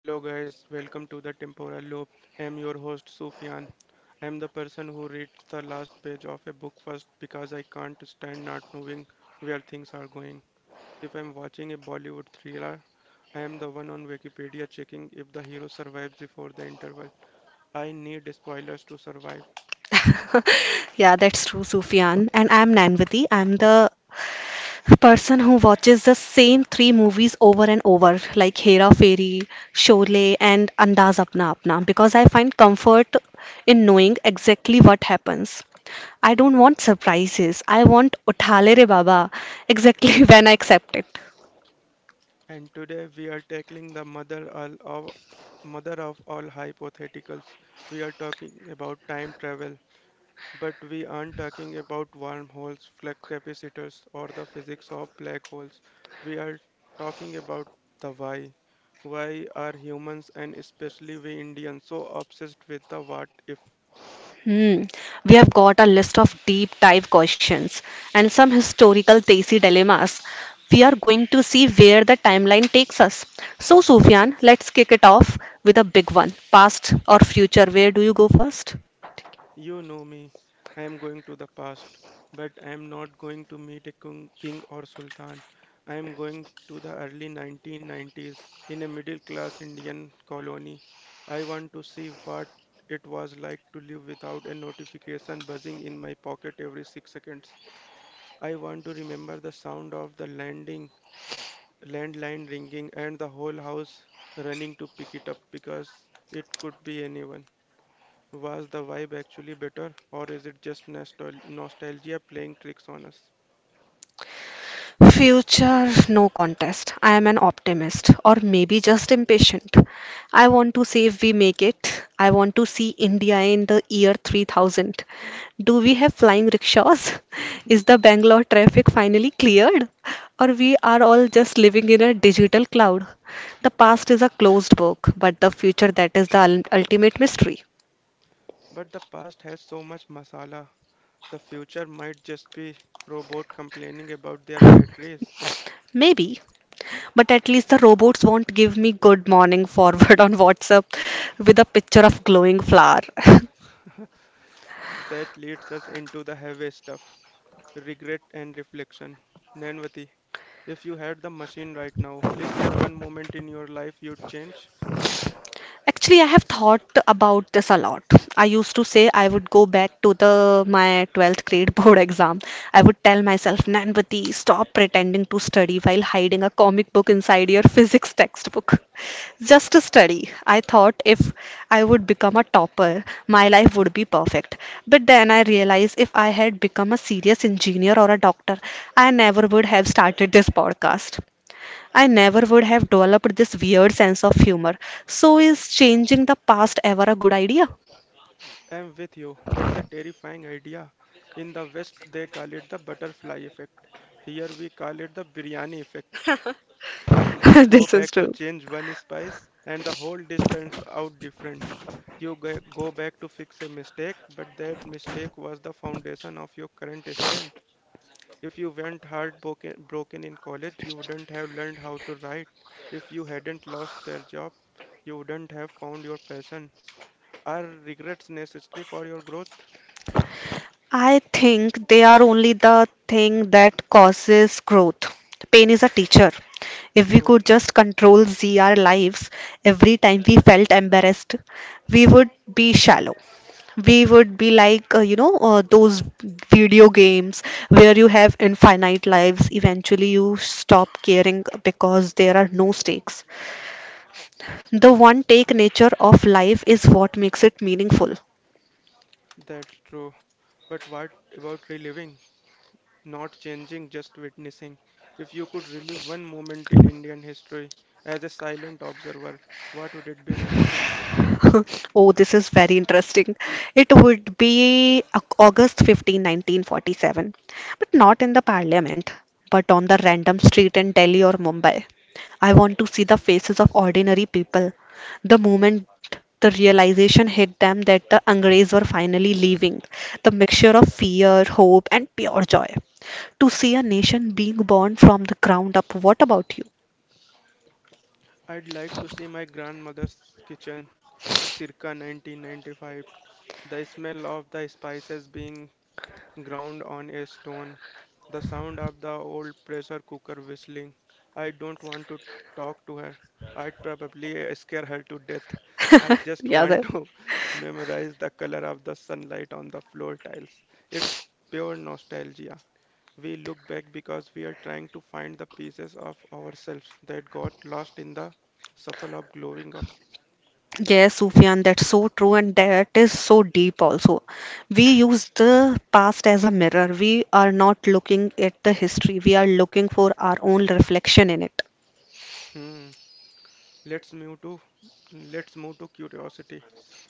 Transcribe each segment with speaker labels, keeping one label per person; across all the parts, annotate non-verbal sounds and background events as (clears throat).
Speaker 1: Hello, guys. Welcome to the Temporal Loop. I'm your host, Sufyan. I'm the person who reads the last page of a book first because I can't stand not knowing where things are going. If I'm watching a Bollywood thriller, I am the one on Wikipedia checking if the hero survives before the interval. I need spoilers to survive.
Speaker 2: (laughs) Yeah, that's true, Sufyan. And I'm Nanvati. I'm the person who watches the same three movies over and over, like Hera Fairy, Sholay, and Andaz Apna Apna, because I find comfort in knowing exactly what happens. I don't want surprises. I want Uthale Re Baba exactly (laughs) when I accept it.
Speaker 1: And today we are tackling the mother of all hypotheticals. We are talking about time travel. But we aren't talking about wormholes, flux capacitors, or the physics of black holes. We are talking about the why. Why are humans and especially we Indians so obsessed with the what if?
Speaker 2: Hmm. We have got a list of deep dive questions and some historical Desi dilemmas. We are going to see where the timeline takes us. So, Sufyan, let's kick it off with a big one, past or future? Where do you go first?
Speaker 1: You know me. I am going to the past, but I am not going to meet a king or sultan. I am going to the early 1990s in a middle class Indian colony. I want to see what it was like to live without a notification buzzing in my pocket every 6 seconds. I want to remember the sound of the landline ringing, and the whole house running to pick it up because it could be anyone. Was the vibe actually better, or is it just nostalgia playing tricks on us?
Speaker 2: Future, no contest. I am an optimist, or maybe just impatient. I want to see if we make it. I want to see India in the year 3000. Do we have flying rickshaws? (laughs) Is the Bangalore traffic finally cleared? Or we are all just living in a digital cloud? The past is a closed book, but the future, that is the ultimate mystery.
Speaker 1: But the past has so much masala. The future might just be robot complaining about their batteries.
Speaker 2: Maybe. But at least the robots won't give me good morning forward (laughs) on WhatsApp with a picture of glowing flower. (laughs)
Speaker 1: That leads us into the heavy stuff, regret and reflection. Nanvati, if you had the machine right now, is there one moment in your life you'd change?
Speaker 2: Actually, I have thought about this a lot. I used to say I would go back to the my 12th grade (laughs) board exam. I would tell myself, Nanvati, stop pretending to study while hiding a comic book inside your (laughs) physics textbook. Just to study. I thought if I would become a topper, my life would be perfect. But then I realized if I had become a serious engineer or a doctor, I never would have started this podcast. I never would have developed this weird sense of humor. So, is changing the past ever a good idea?
Speaker 1: I'm with you. It's a terrifying idea. In the West, they call it the butterfly effect. Here, we call it the biryani effect. You
Speaker 2: (laughs)
Speaker 1: go
Speaker 2: This is
Speaker 1: back to
Speaker 2: true.
Speaker 1: change one spice, and the whole dish turns out different. You go back to fix a mistake, but that mistake was the foundation of your current strength. If you weren't heartbroken broken in college, you wouldn't have learned how to write. If you hadn't lost that job, you wouldn't have found your passion. Are regrets necessary for your growth?
Speaker 2: I think they are only the thing that causes growth. Pain is a teacher. If we
Speaker 1: True,
Speaker 2: could just control ZR lives every time we felt embarrassed, we would be shallow. We would be like, those video games where you have infinite lives. Eventually, you stop caring because there are no stakes. The one take nature of life is what makes it meaningful.
Speaker 1: that's true. But what about reliving? Not changing, just witnessing. If you could relive one moment in Indian history as a silent observer, what would it be, Nanvati?
Speaker 2: (laughs) Oh, this is very interesting. It would be August 15, 1947, but not in the parliament, but on the random street in Delhi or Mumbai. I want to see the faces of ordinary people the moment the realization hit them that the Angres were finally leaving, the mixture of fear, hope, and pure joy. To see a nation being born from the ground up, what about you?
Speaker 1: I'd like to see my grandmother's kitchen, circa 1995. The smell of the spices being ground on a stone, the sound of the old pressure cooker whistling. I don't want to talk to her. I'd probably scare her to death. I
Speaker 2: (laughs)
Speaker 1: just
Speaker 2: Yeah,
Speaker 1: want
Speaker 2: that,
Speaker 1: to (laughs) memorize the color of the sunlight on the floor tiles. It's pure nostalgia. We look back because we are trying to find the pieces of ourselves that got lost in the shuffle of growing up.
Speaker 2: yes, Sufyan, that's so true, and that is so deep also. We use the past as a mirror. We are not looking at the history, we are looking for our own reflection in it.
Speaker 1: Hmm. Let's move to let's move to curiosity.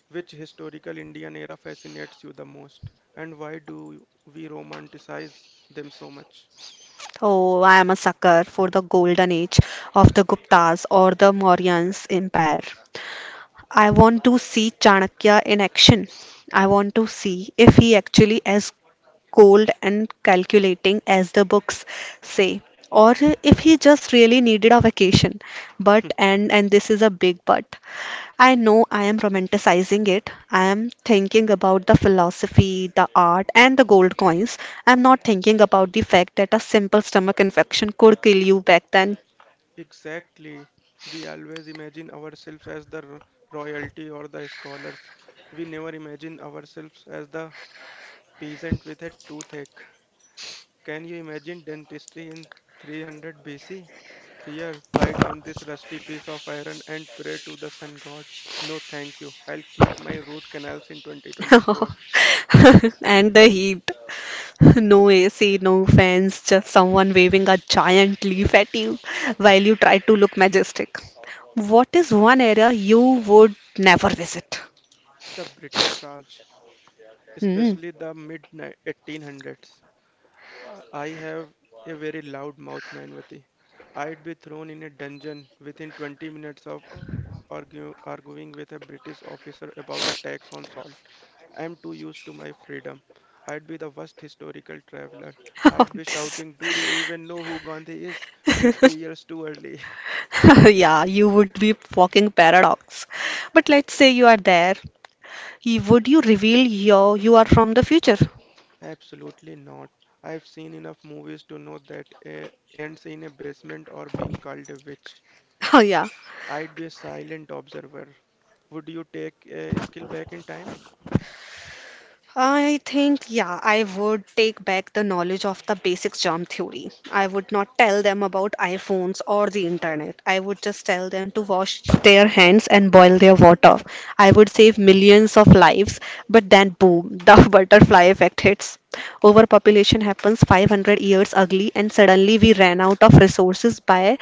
Speaker 1: Which historical Indian era fascinates you the most, and why do we romanticize them so much?
Speaker 2: Oh, I am a sucker for the golden age of the Guptas or the Mauryans Empire. I want to see Chanakya in action. I want to see if he actually as cold and calculating as the books say, or if he just really needed a vacation. But and this is a big but. I know I am romanticizing it. I am thinking about the philosophy, the art, and the gold coins. I'm not thinking about the fact that a simple stomach infection could kill you back then.
Speaker 1: Exactly. We always imagine ourselves as the royalty or the scholars. We never imagine ourselves as the peasant with a toothache. Can you imagine dentistry in 300 BC? Here, bite on this rusty piece of iron and pray to the sun god. No, thank you. I'll keep my root canals in 2024.
Speaker 2: (laughs) And the heat. (laughs) No AC, no fans, just someone waving a giant leaf at you while you try to look majestic. What is one area you would never visit?
Speaker 1: The British Raj,
Speaker 2: Hmm.
Speaker 1: especially the mid 1800s. I have a very loud mouth, Nainvati. I'd be thrown in a dungeon within 20 minutes of arguing with a British officer about the tax on salt. I'm too used to my freedom. I'd be the worst historical traveler.
Speaker 2: (laughs)
Speaker 1: I'd be
Speaker 2: This-
Speaker 1: shouting, do you even know who Gandhi is? 50 years too early.
Speaker 2: (laughs) Yeah, you would be walking paradox. But let's say you are there. Would you reveal you are from the future? (laughs)
Speaker 1: (laughs) Absolutely not. I've seen enough movies to know that ends in a basement or being called a witch.
Speaker 2: Oh, yeah.
Speaker 1: I'd be a silent observer. Would you take a skill back in time?
Speaker 2: I think, yeah, I would take back the knowledge of the basic germ theory. I would not tell them about iPhones or the internet. I would just tell them to wash their hands and boil their water. I would save millions of lives, but then boom, the (laughs) butterfly effect hits. Overpopulation happens 500 years early, and suddenly we ran out of resources by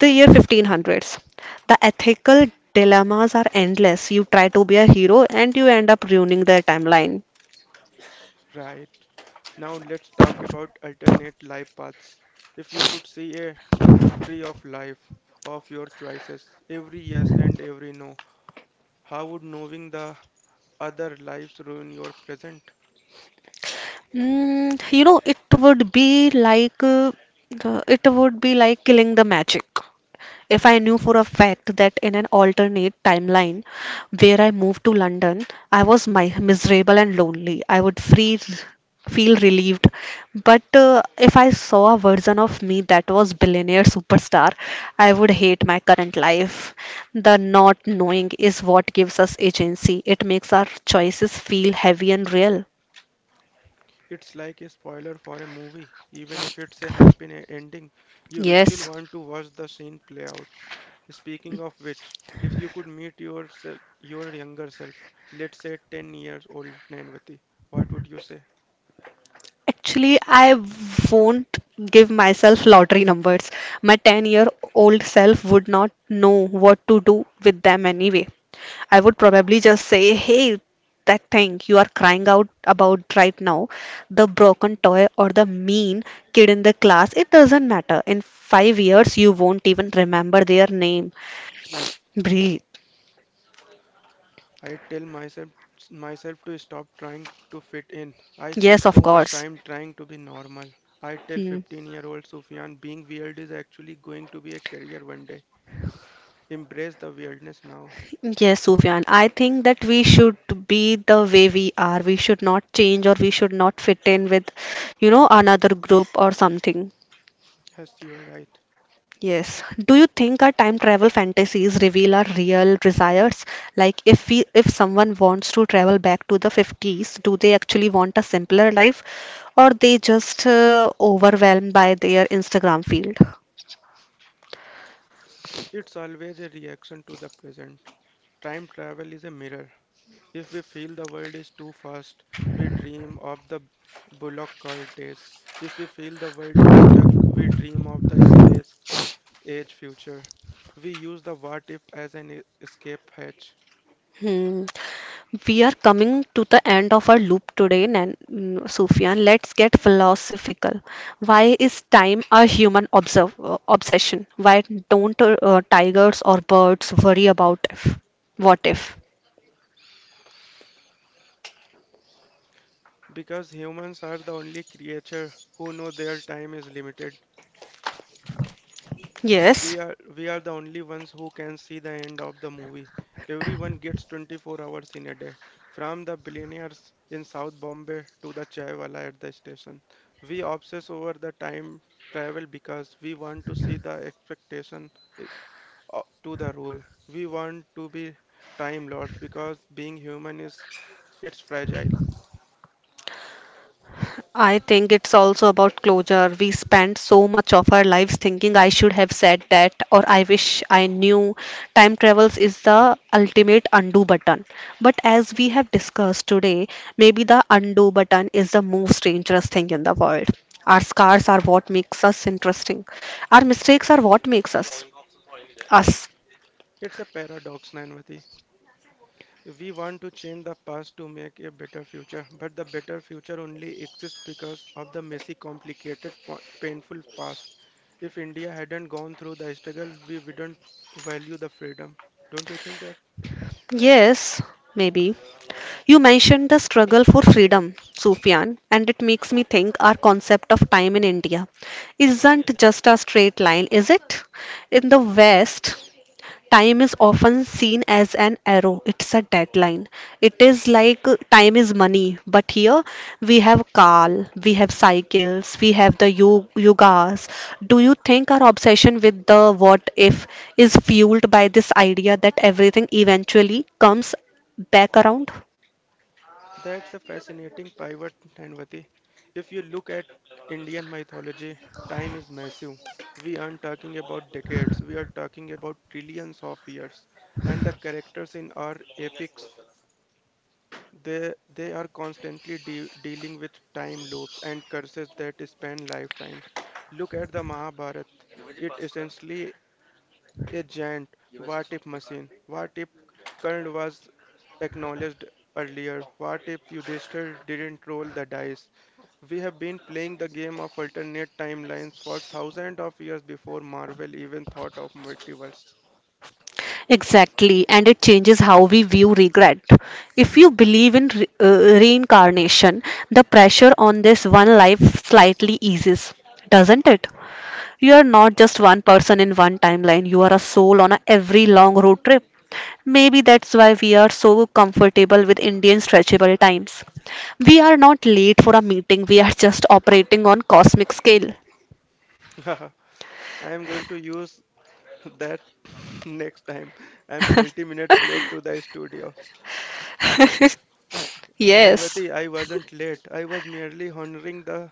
Speaker 2: the year 1500s. The ethical dilemmas are endless. You try to be a hero and you end up ruining their timeline.
Speaker 1: Right. Now let's talk about alternate life paths. If you could see a tree of life of your choices, every yes and every no, how would knowing the other lives ruin your present?
Speaker 2: Mm, you know, it would be like uh, it would be like killing the magic. If I knew for a fact that in an alternate timeline where I moved to London, I was mi miserable and lonely, I would free feel relieved. But if I saw a version of me that was billionaire superstar, I would hate my current life. The not knowing is what gives us agency. It makes our choices feel heavy and real.
Speaker 1: It's like a spoiler for a movie. Even if it's a happy ending, you still
Speaker 2: Yes.
Speaker 1: want to watch the scene play out. Speaking of which, if you could meet yourself, your younger self, let's say 10 years old Nanvati, what would you say?
Speaker 2: Actually, I won't give myself lottery numbers. My 10-year-old self would not know what to do with them anyway. I would probably just say, hey, that thing you are crying out about right now, the broken toy or the mean kid in the class, it doesn't matter. In 5 years, you won't even remember their name. Breathe.
Speaker 1: I tell myself to stop trying to fit in. I spend
Speaker 2: Yes, of
Speaker 1: so much
Speaker 2: course.
Speaker 1: time trying to be normal. I tell
Speaker 2: Hmm.
Speaker 1: 15-year-old Sufyan being weird is actually going to be a career one day. Embrace the weirdness now.
Speaker 2: Yes, Sufyan, I think that we should be the way we are. We should not change or we should not fit in with, another group or something.
Speaker 1: Yes, you're right.
Speaker 2: Yes. Do you think our time travel fantasies reveal our real desires? Like, if someone wants to travel back to the 50s, do they actually want a simpler life or they just overwhelmed by their Instagram field?
Speaker 1: It's always a reaction to the present. Time travel is a mirror. If we feel the world is too fast, we dream of the bullock cart days. If we feel the world is stuck, we dream of the space age future. We use the what if as an escape hatch
Speaker 2: Hmm. We are coming to the end of our loop today, Sufyan. Let's get philosophical. Why is time a human observ obsession? Why don't tigers or birds worry about if? What if?
Speaker 1: because humans are the only creature who know their time is limited.
Speaker 2: Yes.
Speaker 1: We are the only ones who can see the end of the movie. Everyone gets 24 hours in a day, from the billionaires in South Bombay to the chai wala at the station. We obsess over the time travel because we want to see the expectation eh, to the rule. We want to be time lords because being human is it's fragile.
Speaker 2: I think it's also about closure. We spend so much of our lives thinking I should have said that or I wish I knew. Time travels is the ultimate undo button. But as we have discussed today, maybe the undo button is the most dangerous thing in the world. Our scars are what makes us interesting. Our mistakes are what makes us us.
Speaker 1: It's a paradox, Nanvati. We want to change the past to make a better future, but the better future only exists because of the messy, complicated, painful past. If India hadn't gone through the struggle, we wouldn't value the freedom. Don't you think that?
Speaker 2: Yes, maybe. You mentioned the struggle for freedom, Sufyan, and it makes me think our concept of time in India isn't just a straight line, is it? In the West, time is often seen as an arrow, it's a deadline. It is like time is money, but here we have Kal, we have cycles, we have the yogas. Do you think our obsession with the what if is fueled by this idea that everything eventually comes back around?
Speaker 1: That's a fascinating pivot, Nanvati. If you look at Indian mythology, time is massive. We aren't talking about decades, we are talking about trillions of years. And the characters in our epics, they are constantly dealing with time loops and curses that span lifetimes. Look at the Mahabharata. It essentially a giant what if machine. What if Karna was acknowledged earlier? What if Yudhishthir didn't roll the dice? We have been playing the game of alternate timelines for thousands of years before Marvel even thought of multiverse.
Speaker 2: Exactly, and it changes how we view regret. If you believe in reincarnation, the pressure on this one life slightly eases, doesn't it? You are not just one person in one timeline, you are a soul on a every long road trip. Maybe that's why we are so comfortable with Indian stretchable times. We are not late for a meeting, we are just operating on cosmic scale.
Speaker 1: (laughs) I am going to use that (laughs) next time I'm 30 minutes late
Speaker 2: (laughs)
Speaker 1: to the studio.
Speaker 2: Yes.
Speaker 1: Nanvati, I wasn't late. I was merely honoring the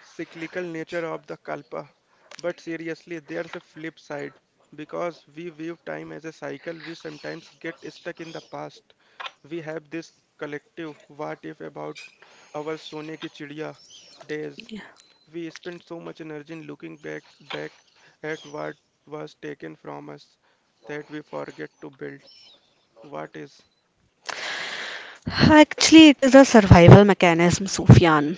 Speaker 1: cyclical nature of the kalpa. But seriously, there's a flip side. Because we view time as a cycle, we sometimes get stuck in the past. We have this collective what if about our sone ki chidiya days. We spend so much energy in looking back back at what was taken from us that we forget to build. What is?
Speaker 2: Actually, it is a survival mechanism, Sufyan.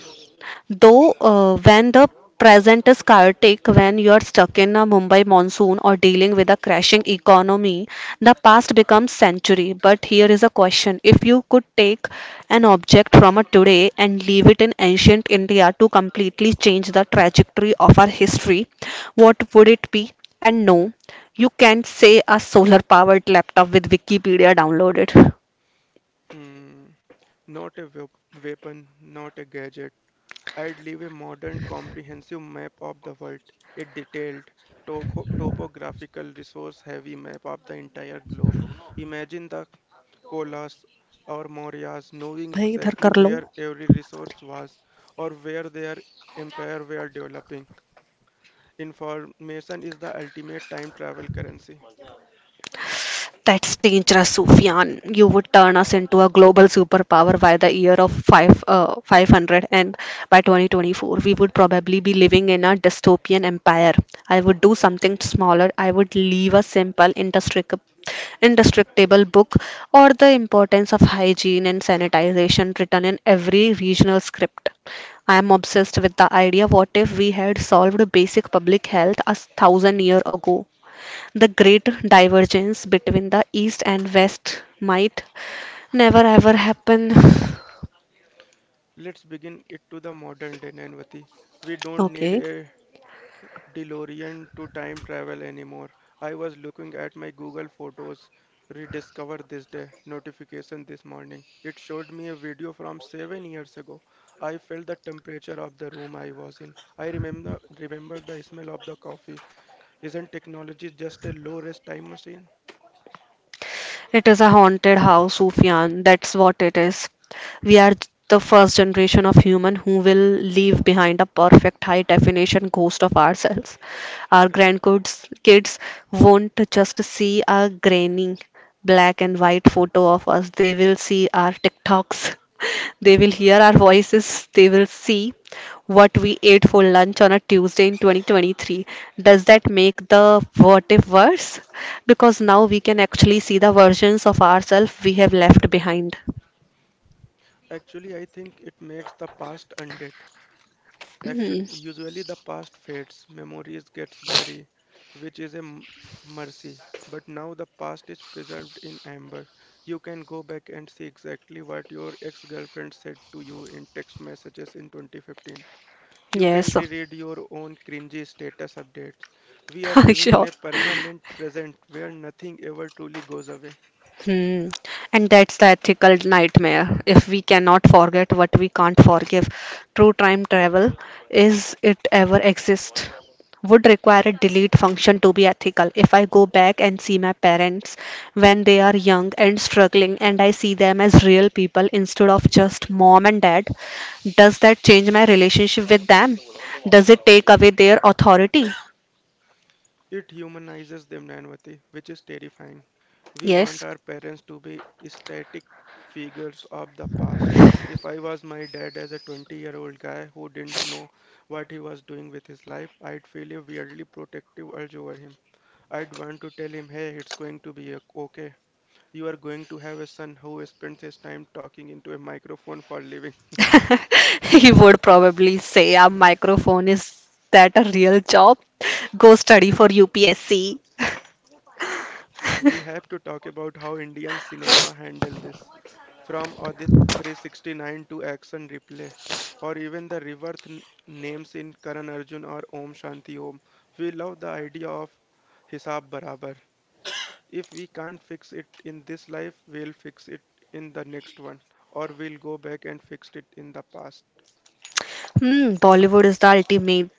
Speaker 2: Though, when the present is chaotic, when you are stuck in a Mumbai monsoon or dealing with a crashing economy, the past becomes century. But here is a question: if you could take an object from a today and leave it in ancient India to completely change the trajectory of our history, what would it be? And no, you can't say a solar-powered laptop with Wikipedia downloaded.
Speaker 1: Hmm, not a weapon, not a gadget. I'd leave a modern comprehensive map of the world, a detailed, topographical, resource heavy map of the entire globe. Imagine the Kolas or Mauryas knowing
Speaker 2: भाई इधर
Speaker 1: exactly
Speaker 2: कर लो.
Speaker 1: where every resource was or where their empire were developing. Information is the ultimate time travel currency.
Speaker 2: That's dangerous, Sufyan. You would turn us into a global superpower by the year of 500, and by 2024, we would probably be living in a dystopian empire. I would do something smaller. I would leave a simple, indestructible book or the importance of hygiene and sanitization written in every regional script. I am obsessed with the idea what if we had solved basic public health 1,000 years ago? The great divergence between the East and West might never ever happen.
Speaker 1: Let's begin it to the modern day, Nanvati. We don't need
Speaker 2: Okay.
Speaker 1: a DeLorean to time travel anymore. I was looking at my Google Photos rediscover this day notification this morning. It showed me a video from 7 years ago. I felt the temperature of the room I was in. I remember the smell of the coffee. Isn't technology just a low-risk time machine?
Speaker 2: It is a haunted house, Sufyan. That's what it is. We are the first generation of human who will leave behind a perfect high definition ghost of ourselves. Our grandkids kids won't just see a grainy black and white photo of us. They will see our TikToks, they will hear our voices, they will see what we ate for lunch on a Tuesday in 2023. Does that make the what if worse? Because now we can actually see the versions of ourselves we have left behind.
Speaker 1: Actually, I think it makes the past undead. Actually,
Speaker 2: (clears throat)
Speaker 1: usually the past fades, memories gets bloody, which is a mercy. But now the past is preserved in amber. You can go back and see exactly what your ex-girlfriend said to you in text messages in 2015. You can
Speaker 2: Yes,
Speaker 1: reread your own cringy status updates. We are
Speaker 2: (laughs)
Speaker 1: living in
Speaker 2: sure.
Speaker 1: a permanent present where nothing ever truly goes away.
Speaker 2: Hmm. And that's the ethical nightmare. If we cannot forget what we can't forgive, true time travel, is it ever exist? Would require a delete function to be ethical. If I go back and see my parents when they are young and struggling, and I see them as real people instead of just mom and dad, does that change my relationship with them? Does it take away their authority?
Speaker 1: It humanizes them, Nanvati, which is terrifying. We want
Speaker 2: Yes.
Speaker 1: our parents to be static figures of the past. If I was my dad as a 20-year-old guy who didn't know what he was doing with his life, I'd feel a weirdly protective urge over him. I'd want to tell him, hey, it's going to be okay. You are going to have a son who spends his time talking into a microphone for a living.
Speaker 2: (laughs) He would probably say, a microphone, is that a real job? Go study for UPSC.
Speaker 1: We
Speaker 2: (laughs)
Speaker 1: have to talk about how Indian cinema handle this. From Audit 369 to Action Replay, or even the rebirth names in Karan Arjun or Om Shanti Om, we love the idea of Hisab Barabar. If we can't fix it in this life, we'll fix it in the next one, or we'll go back and fix it in the past.
Speaker 2: Hmm, Bollywood is the ultimate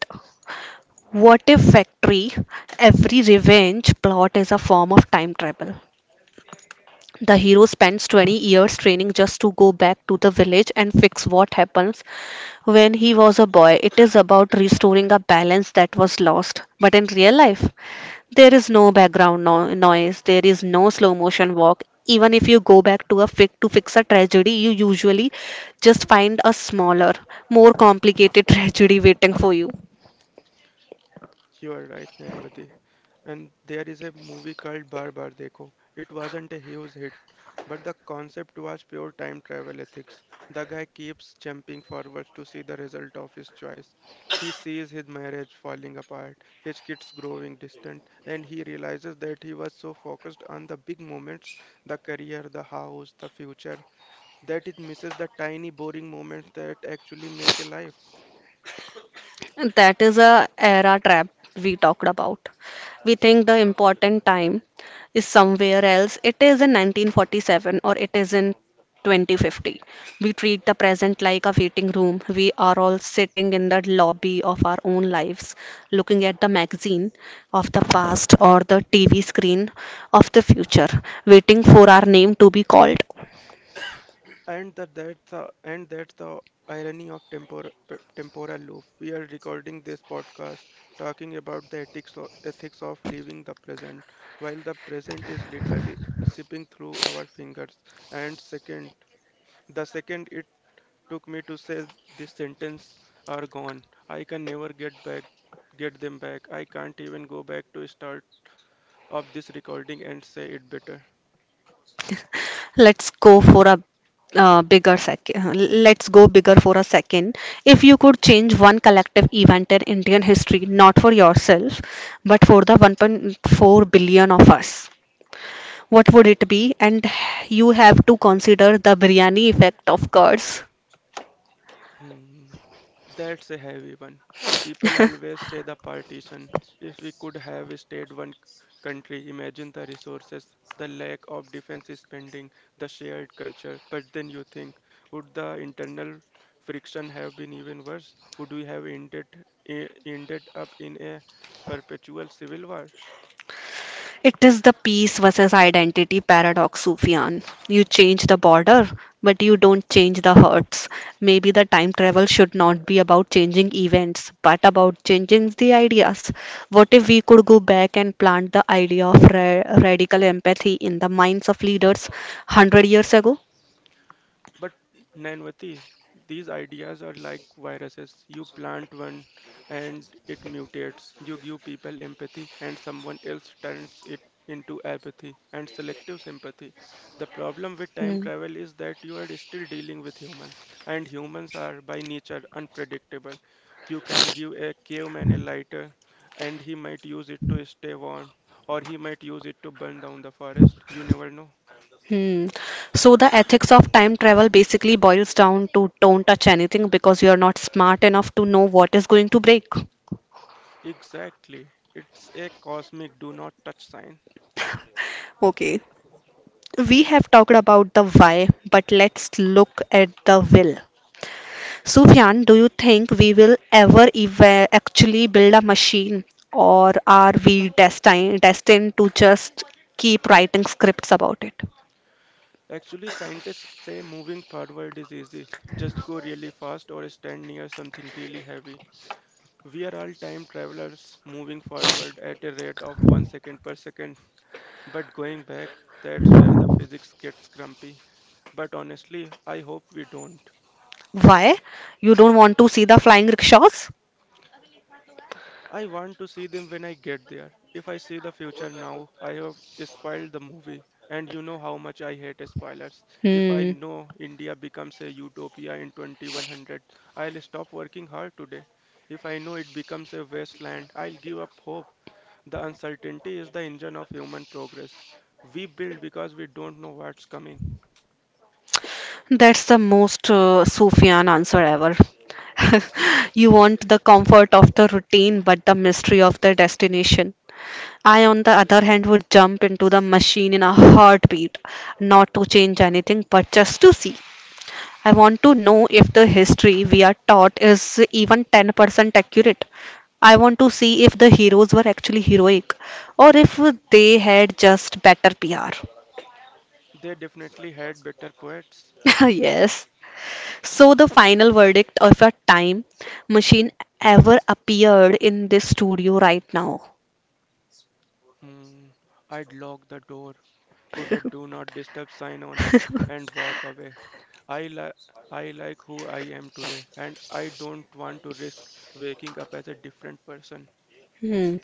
Speaker 2: what if factory. Every revenge plot is a form of time travel. The hero spends 20 years training just to go back to the village and fix what happens when he was a boy. It is about restoring a balance that was lost. But in real life, there is no background noise, there is no slow motion walk. Even if you go back to fix a tragedy, you usually just find a smaller, more complicated (laughs) tragedy waiting for you.
Speaker 1: You are right, Nanvati. And there is a movie called Bar Bar Dekho. It wasn't a huge hit, but the concept was pure time travel ethics. The guy keeps jumping forwards to see the result of his choice. He sees his marriage falling apart, his kids growing distant, and he realizes that he was so focused on the big moments, the career, the house, the future, that it misses the tiny boring moments that actually make a life.
Speaker 2: That is a era trap we talked about. We think the important time is somewhere else. It is in 1947 or it is in 2050. We treat the present like a waiting room. We are all sitting in the lobby of our own lives, looking at the magazine of the past or the TV screen of the future, waiting for our name to be called.
Speaker 1: And that's the irony of temporal loop. We are recording this podcast talking about the ethics of living the present, while the present is literally sipping through our fingers. And the second it took me to say this sentence are gone. I can never get them back. I can't even go back to start of this recording and say it better.
Speaker 2: Let's go for a bigger second. Let's go bigger for a second. If you could change one collective event in Indian history, not for yourself, but for the 1.4 billion of us, what would it be? And you have to consider the biryani effect, of course.
Speaker 1: Hmm. That's a heavy one. People
Speaker 2: (laughs)
Speaker 1: always say the partition. If we could have stayed one country, imagine the resources, the lack of defense spending, the shared culture. But then you think, would the internal friction have been even worse? Would we have ended up in a perpetual civil war?
Speaker 2: It is the peace versus identity paradox, Sufyan. You change the border, but you don't change the hurts. Maybe the time travel should not be about changing events, but about changing the ideas. What if we could go back and plant the idea of radical empathy in the minds of leaders 100 years ago?
Speaker 1: But Nainvati, these ideas are like viruses. You plant one and it mutates. You give people empathy and someone else turns it into apathy and selective sympathy. The problem with time
Speaker 2: Hmm.
Speaker 1: travel is that you are still dealing with humans, and humans are by nature unpredictable. You can give a caveman a lighter and he might use it to stay warm, or he might use it to burn down the forest. You never know.
Speaker 2: Hmm. So the ethics of time travel basically boils down to don't touch anything because you're not smart enough to know what is going to break.
Speaker 1: Exactly. It's a cosmic do not touch sign.
Speaker 2: Okay, we have talked about the why, but let's look at the will. Sufyan, do you think we will ever actually build a machine, or are we destined to just keep writing scripts about it?
Speaker 1: Actually, scientists say moving forward is easy. Just go really fast or stand near something really heavy. We are all time travelers moving forward at a rate of 1 second per second. (laughs) But going back, that's where the physics gets grumpy. But honestly, I hope we don't.
Speaker 2: Why? You don't want to see the flying rickshaws?
Speaker 1: I want to see them when I get there. If I see the future now, I have spoiled the movie. And you know how much I hate spoilers. If I
Speaker 2: Hmm,
Speaker 1: know India becomes a utopia in 2100, I'll stop working hard today. If I know it becomes a wasteland, I'll give up hope. The uncertainty is the engine of human progress. We build because we don't know what's coming.
Speaker 2: that's the most Sufyan answer ever. (laughs) You want the comfort of the routine, but the mystery of the destination. I, on the other hand, would jump into the machine in a heartbeat, not to change anything, but just to see. I want to know if the history we are taught is even 10% accurate. I want to see if the heroes were actually heroic or if they had just better PR.
Speaker 1: They definitely had better poets.
Speaker 2: (laughs) Yes. So, the final verdict of a time machine ever appeared in this studio right now.
Speaker 1: Hmm. I'd lock the door, put a do not disturb sign on it, and walk
Speaker 2: (laughs)
Speaker 1: away. I li- I like who I am today and I don't want to risk waking up as a different person.
Speaker 2: Hmm.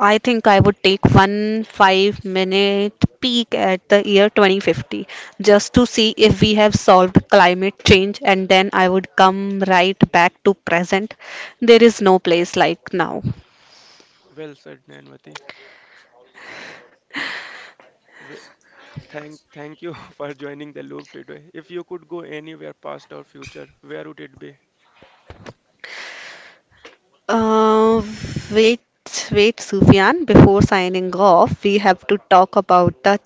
Speaker 2: I think I would take one 5-minute peek at the year 2050 just to see if we have solved climate change, and then I would come right back to present. There is no place like now.
Speaker 1: Well said, Nanvati. We- thank you (laughs) for joining the loop today. If you could go anywhere past or future, where would it be?
Speaker 2: Uh, wait, wait, Sufyan, before signing off, we have to talk about the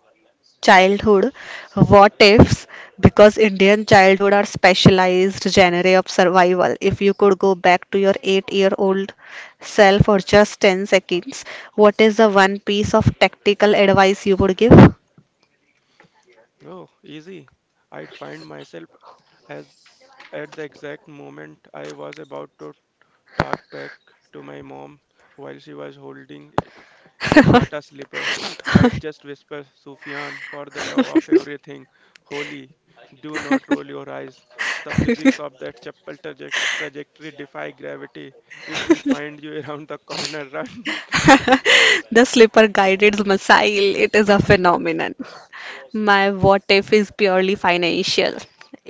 Speaker 2: childhood what ifs, because indian childhood are specialized genre of survival. If you could go back to your 8-year-old self for just 10 seconds, what is the one piece of tactical advice you would give? (laughs)
Speaker 1: Oh, easy. I'd find myself as at the exact moment I was about to talk back to my mom while she was holding a Bata slipper. I'd just whisper, Sufyan, for the love of everything holy, do not roll your eyes. The physics of that trajectory defy gravity. It will find you (laughs) around the corner. Run. (laughs)
Speaker 2: The slipper guided missile, it is a phenomenon. My what if is purely financial.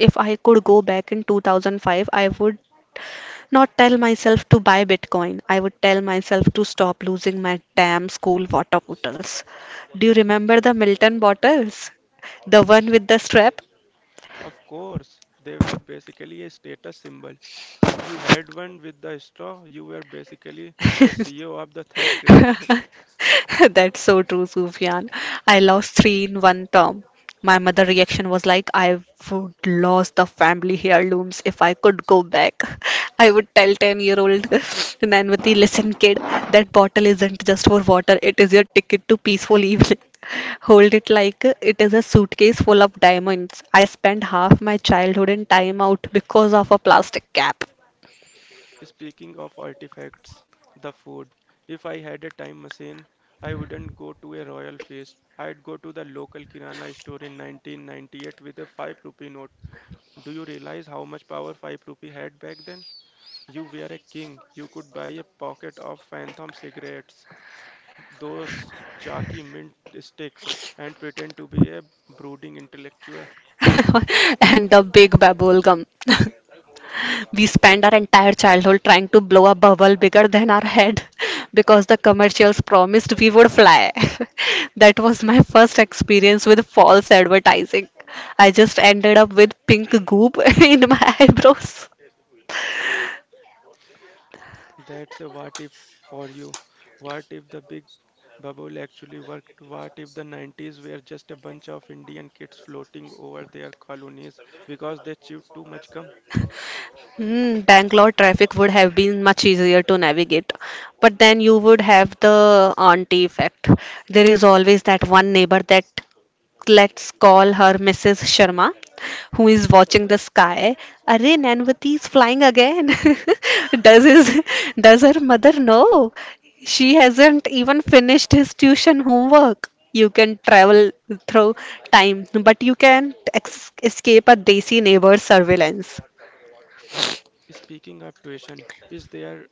Speaker 2: If I could go back in 2005, I would not tell myself to buy Bitcoin. I would tell myself to stop losing my damn school water bottles. Do you remember the Milton bottles? The one with the strap?
Speaker 1: Of course, they were basically a status symbol. If you had one with the straw, you were basically the CEO of the third grade. (laughs)
Speaker 2: (laughs) That's so true, Sufyan. I lost three in one term. My mother reaction was like, I would lost the family heirlooms. If I could go back, (laughs) I would tell 10-year-old (laughs) Nanvati, listen, kid, that bottle isn't just for water, it is your ticket to peaceful evening. (laughs) Hold it like it is a suitcase full of diamonds. I spent half my childhood in time out because of a plastic cap
Speaker 1: Speaking of artifacts, the food. If I had a time machine, I wouldn't go to a royal feast. I'd go to the local kirana store in 1998 with a 5 rupee note. Do you realize how much power 5 rupee had back then? You were a king. You could buy a pocket of Phantom cigarettes, those chalky mint sticks, and pretend to be a brooding intellectual.
Speaker 2: (laughs) and a big bubble gum. (laughs) We spend our entire childhood trying to blow a bubble bigger than our head (laughs) because the commercials promised we would fly. (laughs) That was my first experience with false advertising. I just ended up with pink goop (laughs) in my eyebrows.
Speaker 1: That's a what if for you. What if the big bubble actually worked? What if the 90s were just a bunch of Indian kids floating over their colonies because they chewed too much gum?
Speaker 2: Hmm, Bangalore traffic would have been much easier to navigate, but then you would have the auntie effect. There is always that one neighbor that, let's call her Mrs. Sharma, who is watching the sky. Arey Nanvati is flying again. (laughs) does his, does her mother know? She hasn't even finished his tuition homework. You can travel through time, but you can't escape a desi neighbor's surveillance.
Speaker 1: Speaking of tuition, is there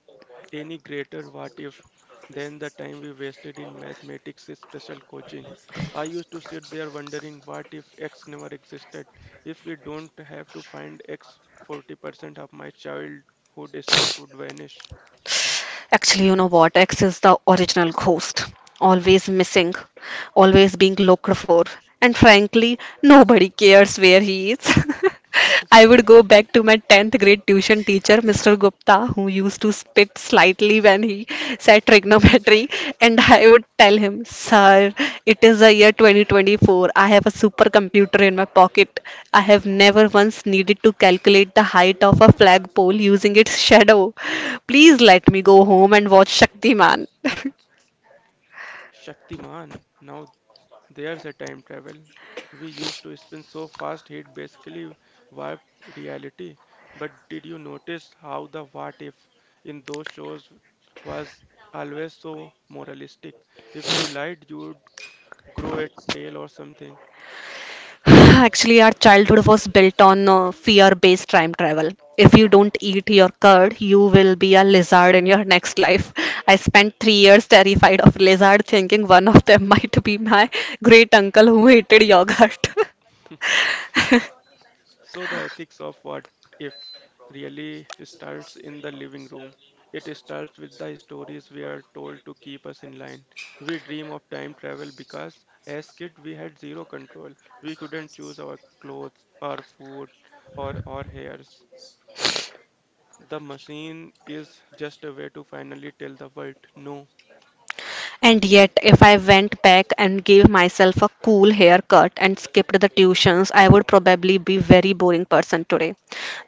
Speaker 1: any greater what if than the time we wasted in mathematics special coaching? I used to sit there wondering what if x never existed, if we don't have to find x, 40% of my childhood stress would vanish.
Speaker 2: Actually, you know what? X is the original ghost, always missing, always being looked for, and frankly, nobody cares where he is. (laughs) I would go back to my 10th grade tuition teacher, Mr. Gupta, who used to spit slightly when he said trigonometry, and I would tell him, Sir, it is the year 2024. I have a supercomputer in my pocket. I have never once needed to calculate the height of a flagpole using its shadow. Please let me go
Speaker 1: Statement.
Speaker 2: home and watch Shaktiman. (laughs)
Speaker 1: Shaktiman, now there's a time travel. We used to spin so fast it basically warped reality. But did you notice how the what if in those shows was always so moralistic? If you lied, you'd grow a tail or something.
Speaker 2: (sighs) Actually, our childhood was built on fear-based time travel. If you don't eat your curd, you will be a lizard in your next life. (laughs) I spent 3 years terrified of lizard, thinking one of them (laughs) might be my great uncle who hated yogurt. (laughs)
Speaker 1: So the ethics of what if really starts in the living room. It starts with the stories we are told to keep us in line. We dream of time travel because as kids we had zero control. We couldn't choose our clothes, our food, or our hairs. The machine is just a way to finally tell the world no.
Speaker 2: And yet, if I went back and gave myself a cool haircut and skipped the tuitions, I would probably be very boring person today.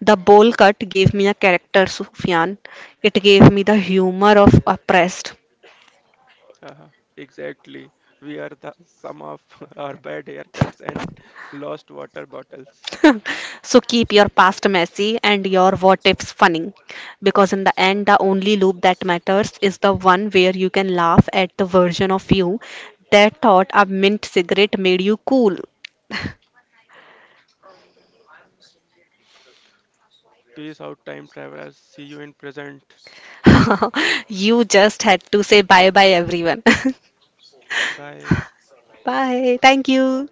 Speaker 2: The bowl cut gave me a character, Sufyan. It gave me the humor of oppressed.
Speaker 1: Haha, exactly. We are the sum of (laughs) our bad haircuts and lost water bottles.
Speaker 2: (laughs) So keep your past messy and your what ifs funny. Because in the end, the only loop that matters is the one where you can laugh at the version of you that thought a mint cigarette made you cool. (laughs)
Speaker 1: Peace out, time travelers. See you in present.
Speaker 2: (laughs) You just had to say bye bye, everyone.
Speaker 1: Bye.
Speaker 2: (laughs) Bye. Thank you.